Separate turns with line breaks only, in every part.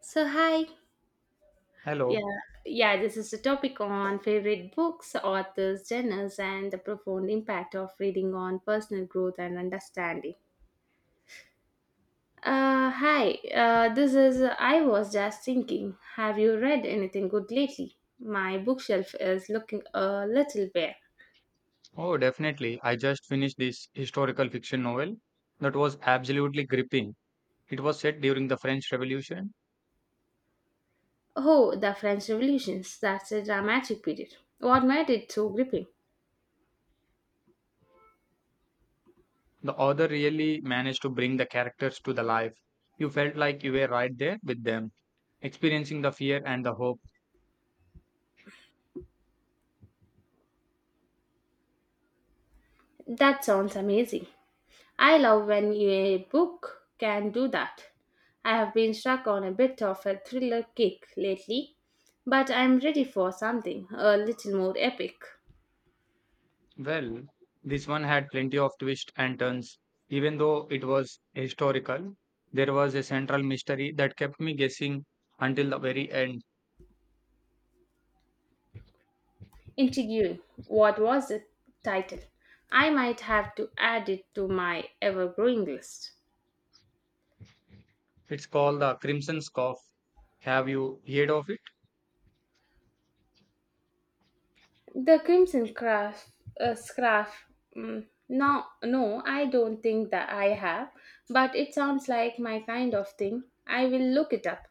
So, hi. Yeah,
Hello.
yeah, this is a topic on favorite books, authors, genres, and the profound impact of reading on personal growth and understanding. Hi, this is I was just thinking, have you read anything good lately? My bookshelf is looking a little bare.
Oh, definitely. I just finished this historical fiction novel that was absolutely gripping. It was set during the French Revolution.
Oh, the French Revolutions, that's a dramatic period. What made it so gripping?
The author really managed to bring the characters to the life. You felt like you were right there with them, experiencing the fear and the hope.
That sounds amazing. I love when a book can do that. I have been stuck on a bit of a thriller kick lately, but I'm ready for something a little more epic.
Well, this one had plenty of twists and turns. Even though it was historical, there was a central mystery that kept me guessing until the very end.
Intriguing. What was the title? I might have to add it to my ever growing list.
It's called The Crimson Scarf. Have you heard of it?
The Crimson Craft, Scarf. No, no, I don't think that I have, but it sounds like my kind of thing. I will look it up.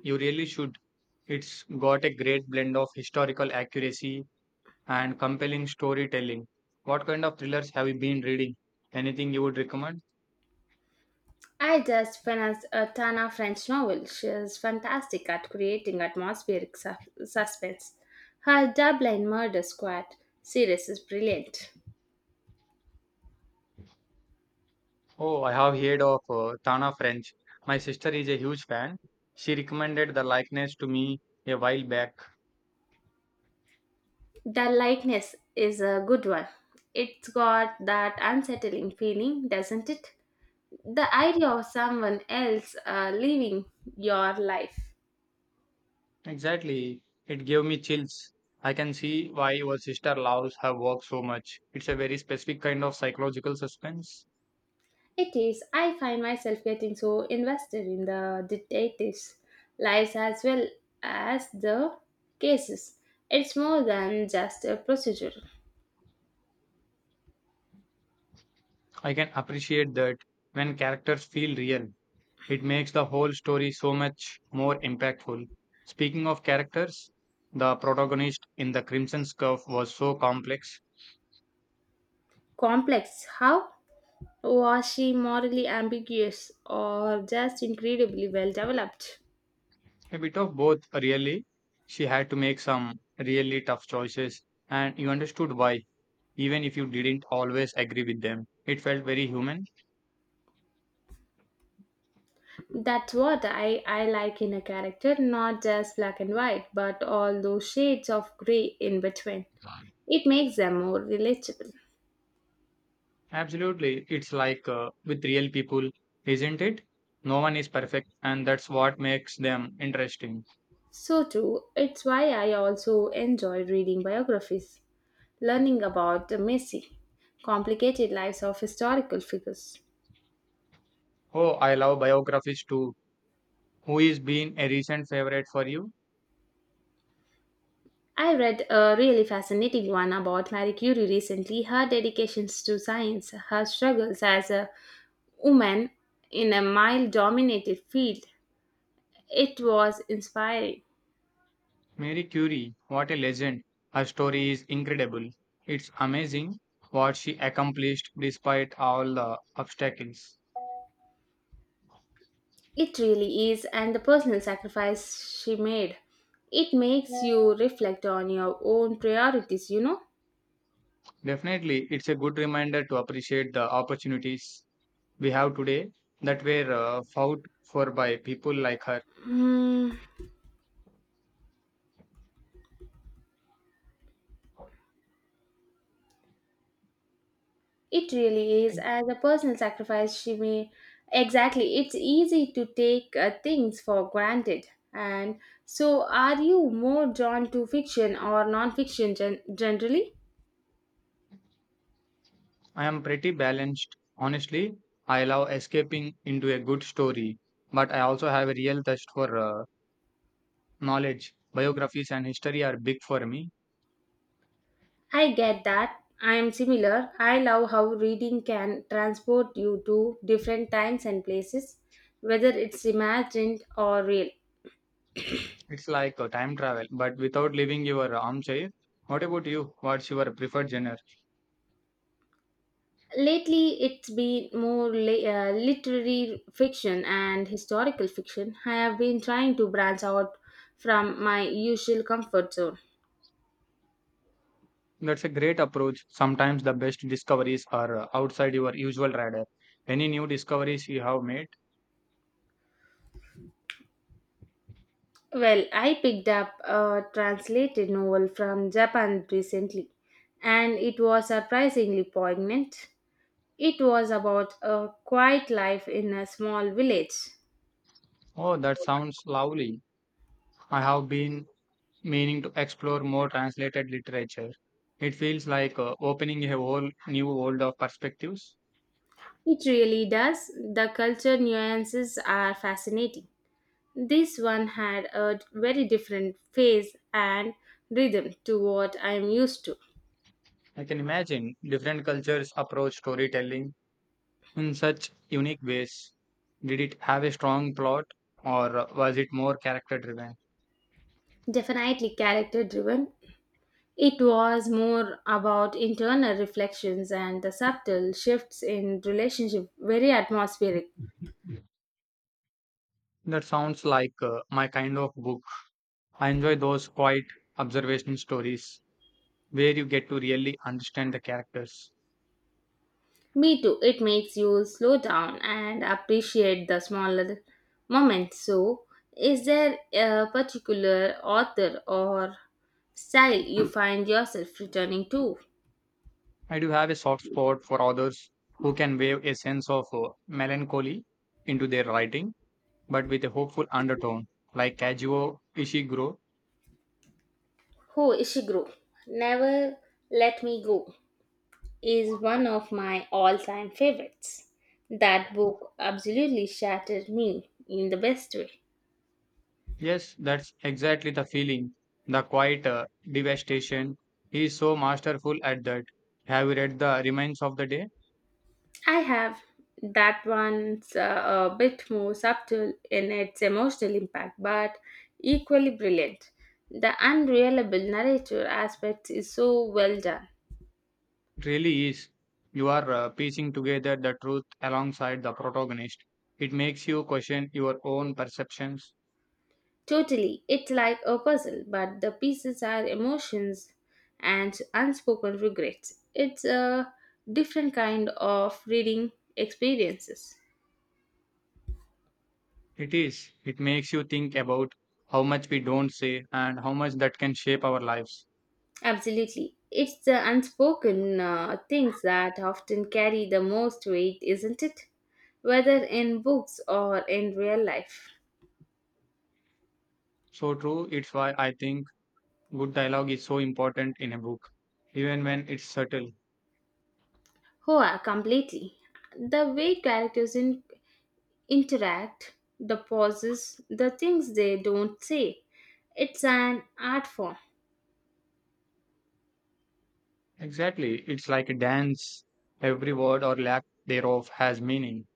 You really should. It's got a great blend of historical accuracy and compelling storytelling. What kind of thrillers have you been reading? Anything you would recommend?
I just finished a Tana French novel. She is fantastic at creating atmospheric suspense. Her Dublin Murder Squad series is brilliant.
Oh, I have heard of Tana French. My sister is a huge fan. She recommended the likeness to me a while back.
The likeness is a good one. It's got that unsettling feeling, doesn't it? The idea of someone else living your life.
Exactly. It gave me chills. I can see why your sister loves her work so much. It's a very specific kind of psychological suspense.
It is. I find myself getting so invested in the detectives' lives as well as the cases. It's more than just a procedure.
I can appreciate that when characters feel real. It makes the whole story so much more impactful. Speaking of characters, the protagonist in The Crimson Scarf was so complex,
Complex. How was she morally ambiguous or just incredibly well developed?
a bit of both, really. She had to make some really tough choices, and you understood why, even if you didn't always agree with them. It felt very human.
That's what I like in a character, not just black and white, but all those shades of grey in between. It makes them more relatable.
Absolutely. It's like with real people, isn't it? No one is perfect, and that's what makes them interesting.
So true. It's why I also enjoy reading biographies, learning about the messy, complicated lives of historical figures.
Oh, I love biographies too. Who is been a recent favorite for you?
I read a really fascinating one about Marie Curie recently, her dedications to science, her struggles as a woman in a male dominated field. It was inspiring.
Marie Curie, what a legend. Her story is incredible. It's amazing what she accomplished despite all the obstacles.
It really is, and the personal sacrifice she made. It makes you reflect on your own priorities, you know?
Definitely, it's a good reminder to appreciate the opportunities we have today that were fought for by people like her.
Hmm. It really is as a personal sacrifice she made. Exactly, it's easy to take things for granted. And so, are you more drawn to fiction or non-fiction generally?
I am pretty balanced. Honestly, I love escaping into a good story, but I also have a real thirst for knowledge. Biographies and history are big for me.
I get that. I am similar. I love how reading can transport you to different times and places, whether it's imagined or real.
It's like a time travel, but without leaving your armchair. What about you? What's your preferred genre?
Lately, it's been more literary fiction and historical fiction. I have been trying to branch out from my usual comfort zone.
That's a great approach. Sometimes the best discoveries are outside your usual radar. Any new discoveries you have made?
Well, I picked up a translated novel from Japan recently, and it was surprisingly poignant. It was about a quiet life in a small village.
Oh, that sounds lovely. I have been meaning to explore more translated literature. It feels like opening a whole new world of perspectives.
It really does. The culture nuances are fascinating. This one had a very different phase and rhythm to what I am used to.
I can imagine different cultures approach storytelling in such unique ways. Did it have a strong plot or was it more character driven?
Definitely character driven. It was more about internal reflections and the subtle shifts in relationship, very atmospheric.
That sounds like my kind of book. I enjoy those quiet observation stories where you get to really understand the characters.
Me too, it makes you slow down and appreciate the smaller moments. So, is there a particular author or style you find yourself returning to?
I do have a soft spot for authors who can wave a sense of melancholy into their writing, but with a hopeful undertone, like Kazuo Ishiguro.
Who Ishiguro, Never Let Me Go, is one of my all time favorites. That book absolutely shattered me in the best way.
Yes, that's exactly the feeling. The quiet devastation. He is so masterful at that. Have you read The Remains of the Day?
I have that one's a bit more subtle in its emotional impact, but equally brilliant. The unreliable narrator aspect is so well done.
It really is. You are piecing together the truth alongside the protagonist. It makes you question your own perceptions.
Totally, it's like a puzzle, but the pieces are emotions and unspoken regrets. It's a different kind of reading experiences.
It is. It makes you think about how much we don't say and how much that can shape our lives.
Absolutely. It's the unspoken things that often carry the most weight, isn't it? Whether in books or in real life.
So true, it's why I think good dialogue is so important in a book, even when it's subtle.
Hoa, completely. The way characters interact, the pauses, the things they don't say. It's an art form.
Exactly. It's like a dance. Every word or lack thereof has meaning.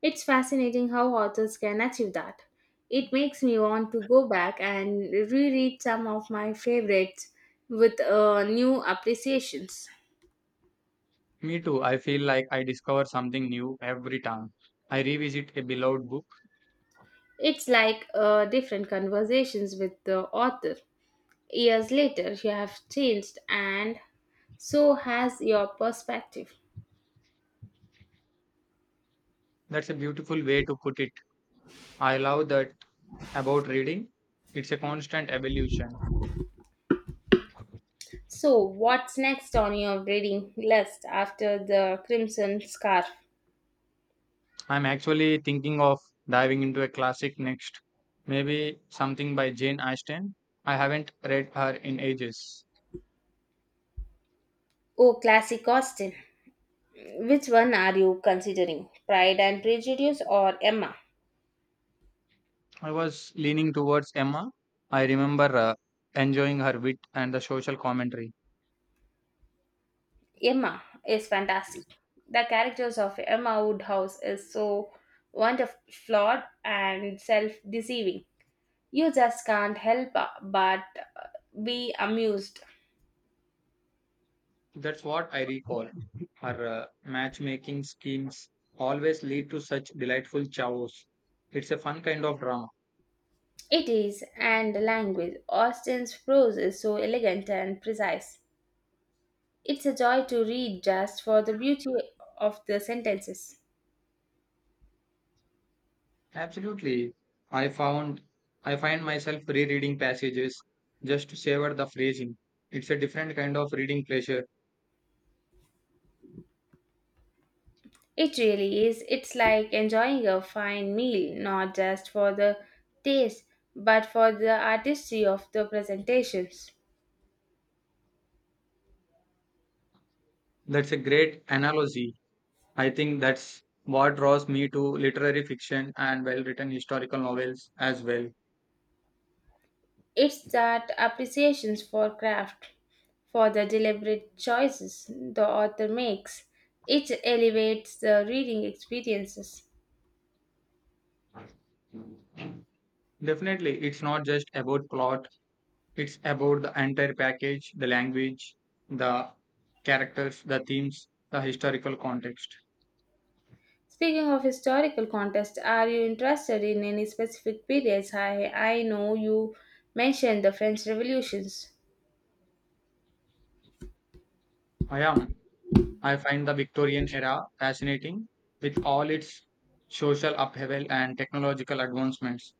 It's fascinating how authors can achieve that. It makes me want to go back and reread some of my favorites with new appreciations.
Me too. I feel like I discover something new every time I revisit a beloved book.
It's like different conversations with the author. Years later, you have changed, and so has your perspective.
That's a beautiful way to put it. I love that about reading. It's a constant evolution.
So, what's next on your reading list after the Crimson Scarf?
I'm actually thinking of diving into a classic next. Maybe something by Jane Austen. I haven't read her in ages.
Oh, classic Austen. Which one are you considering? Pride and Prejudice or Emma?
I was leaning towards Emma. I remember enjoying her wit and the social commentary.
Emma is fantastic. The characters of Emma Woodhouse is so wonderful, flawed and self-deceiving. You just can't help but be amused.
That's what I recall. Her matchmaking schemes always lead to such delightful chows. It's a fun kind of drama.
It is, and the language. Austen's prose is so elegant and precise. It's a joy to read just for the beauty of the sentences.
Absolutely. I found I find myself rereading passages just to savor the phrasing. It's a different kind of reading pleasure.
It really is. It's like enjoying a fine meal, not just for the taste, but for the artistry of the presentations.
That's a great analogy. I think that's what draws me to literary fiction and well-written historical novels as well.
It's that appreciation for craft, for the deliberate choices the author makes. It elevates the reading experiences.
Definitely, it's not just about plot. It's about the entire package, the language, the characters, the themes, the historical context.
Speaking of historical context, are you interested in any specific periods? I know you mentioned the French revolutions.
I am. I find the Victorian era fascinating with all its social upheaval and technological advancements.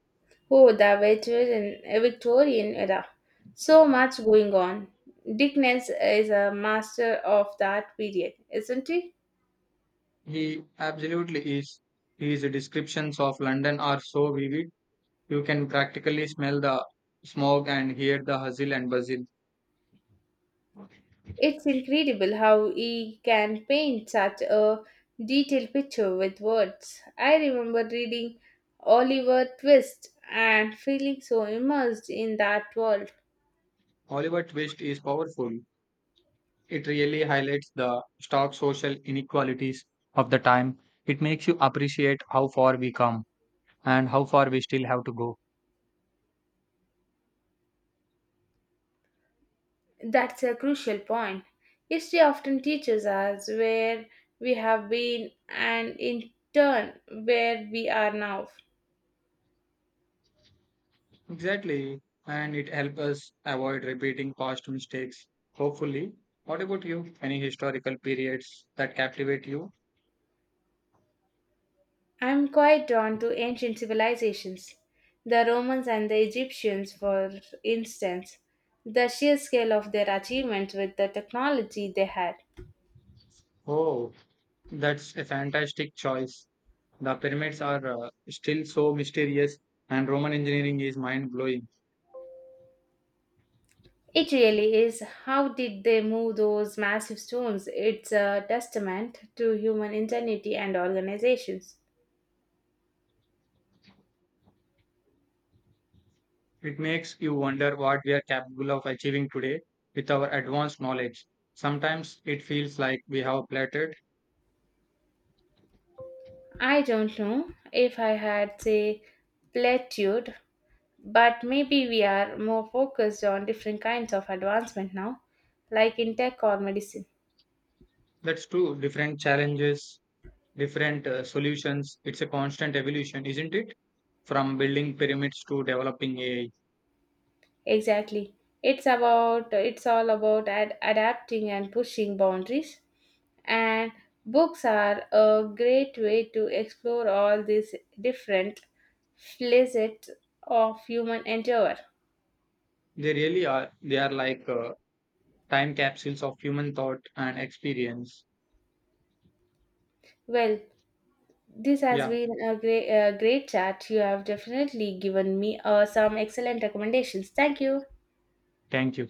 Oh, the Victorian era. So much going on. Dickens is a master of that period, isn't he?
He absolutely is. His descriptions of London are so vivid, you can practically smell the smog and hear the hustle and bustle.
It's incredible how he can paint such a detailed picture with words. I remember reading Oliver Twist and feeling so immersed in that world.
Oliver Twist is powerful. It really highlights the stark social inequalities of the time. It makes you appreciate how far we come and how far we still have to go.
That's a crucial point. History often teaches us where we have been and in turn where we are now.
Exactly. And it helps us avoid repeating past mistakes, hopefully. What about you? Any historical periods that captivate you?
I'm quite drawn to ancient civilizations. The Romans and the Egyptians, for instance, the sheer scale of their achievements with the technology they had.
Oh, that's a fantastic choice. The pyramids are still so mysterious, and Roman engineering is mind blowing.
It really is. How did they move those massive stones? It's a testament to human ingenuity and organizations.
It makes you wonder what we are capable of achieving today with our advanced knowledge. Sometimes it feels like we have a plateaued.
I don't know if I had, say, platitude, but maybe we are more focused on different kinds of advancement now, like in tech or medicine.
That's true. Different challenges, different solutions. It's a constant evolution, isn't it? From building pyramids to developing AI.
Exactly. It's all about adapting and pushing boundaries and books are a great way to explore all these different facets of human endeavor.
They really are. They are like time capsules of human thought and experience.
Well, this has
Yeah.
been a great chat. You have definitely given me some excellent recommendations. Thank you.
Thank you.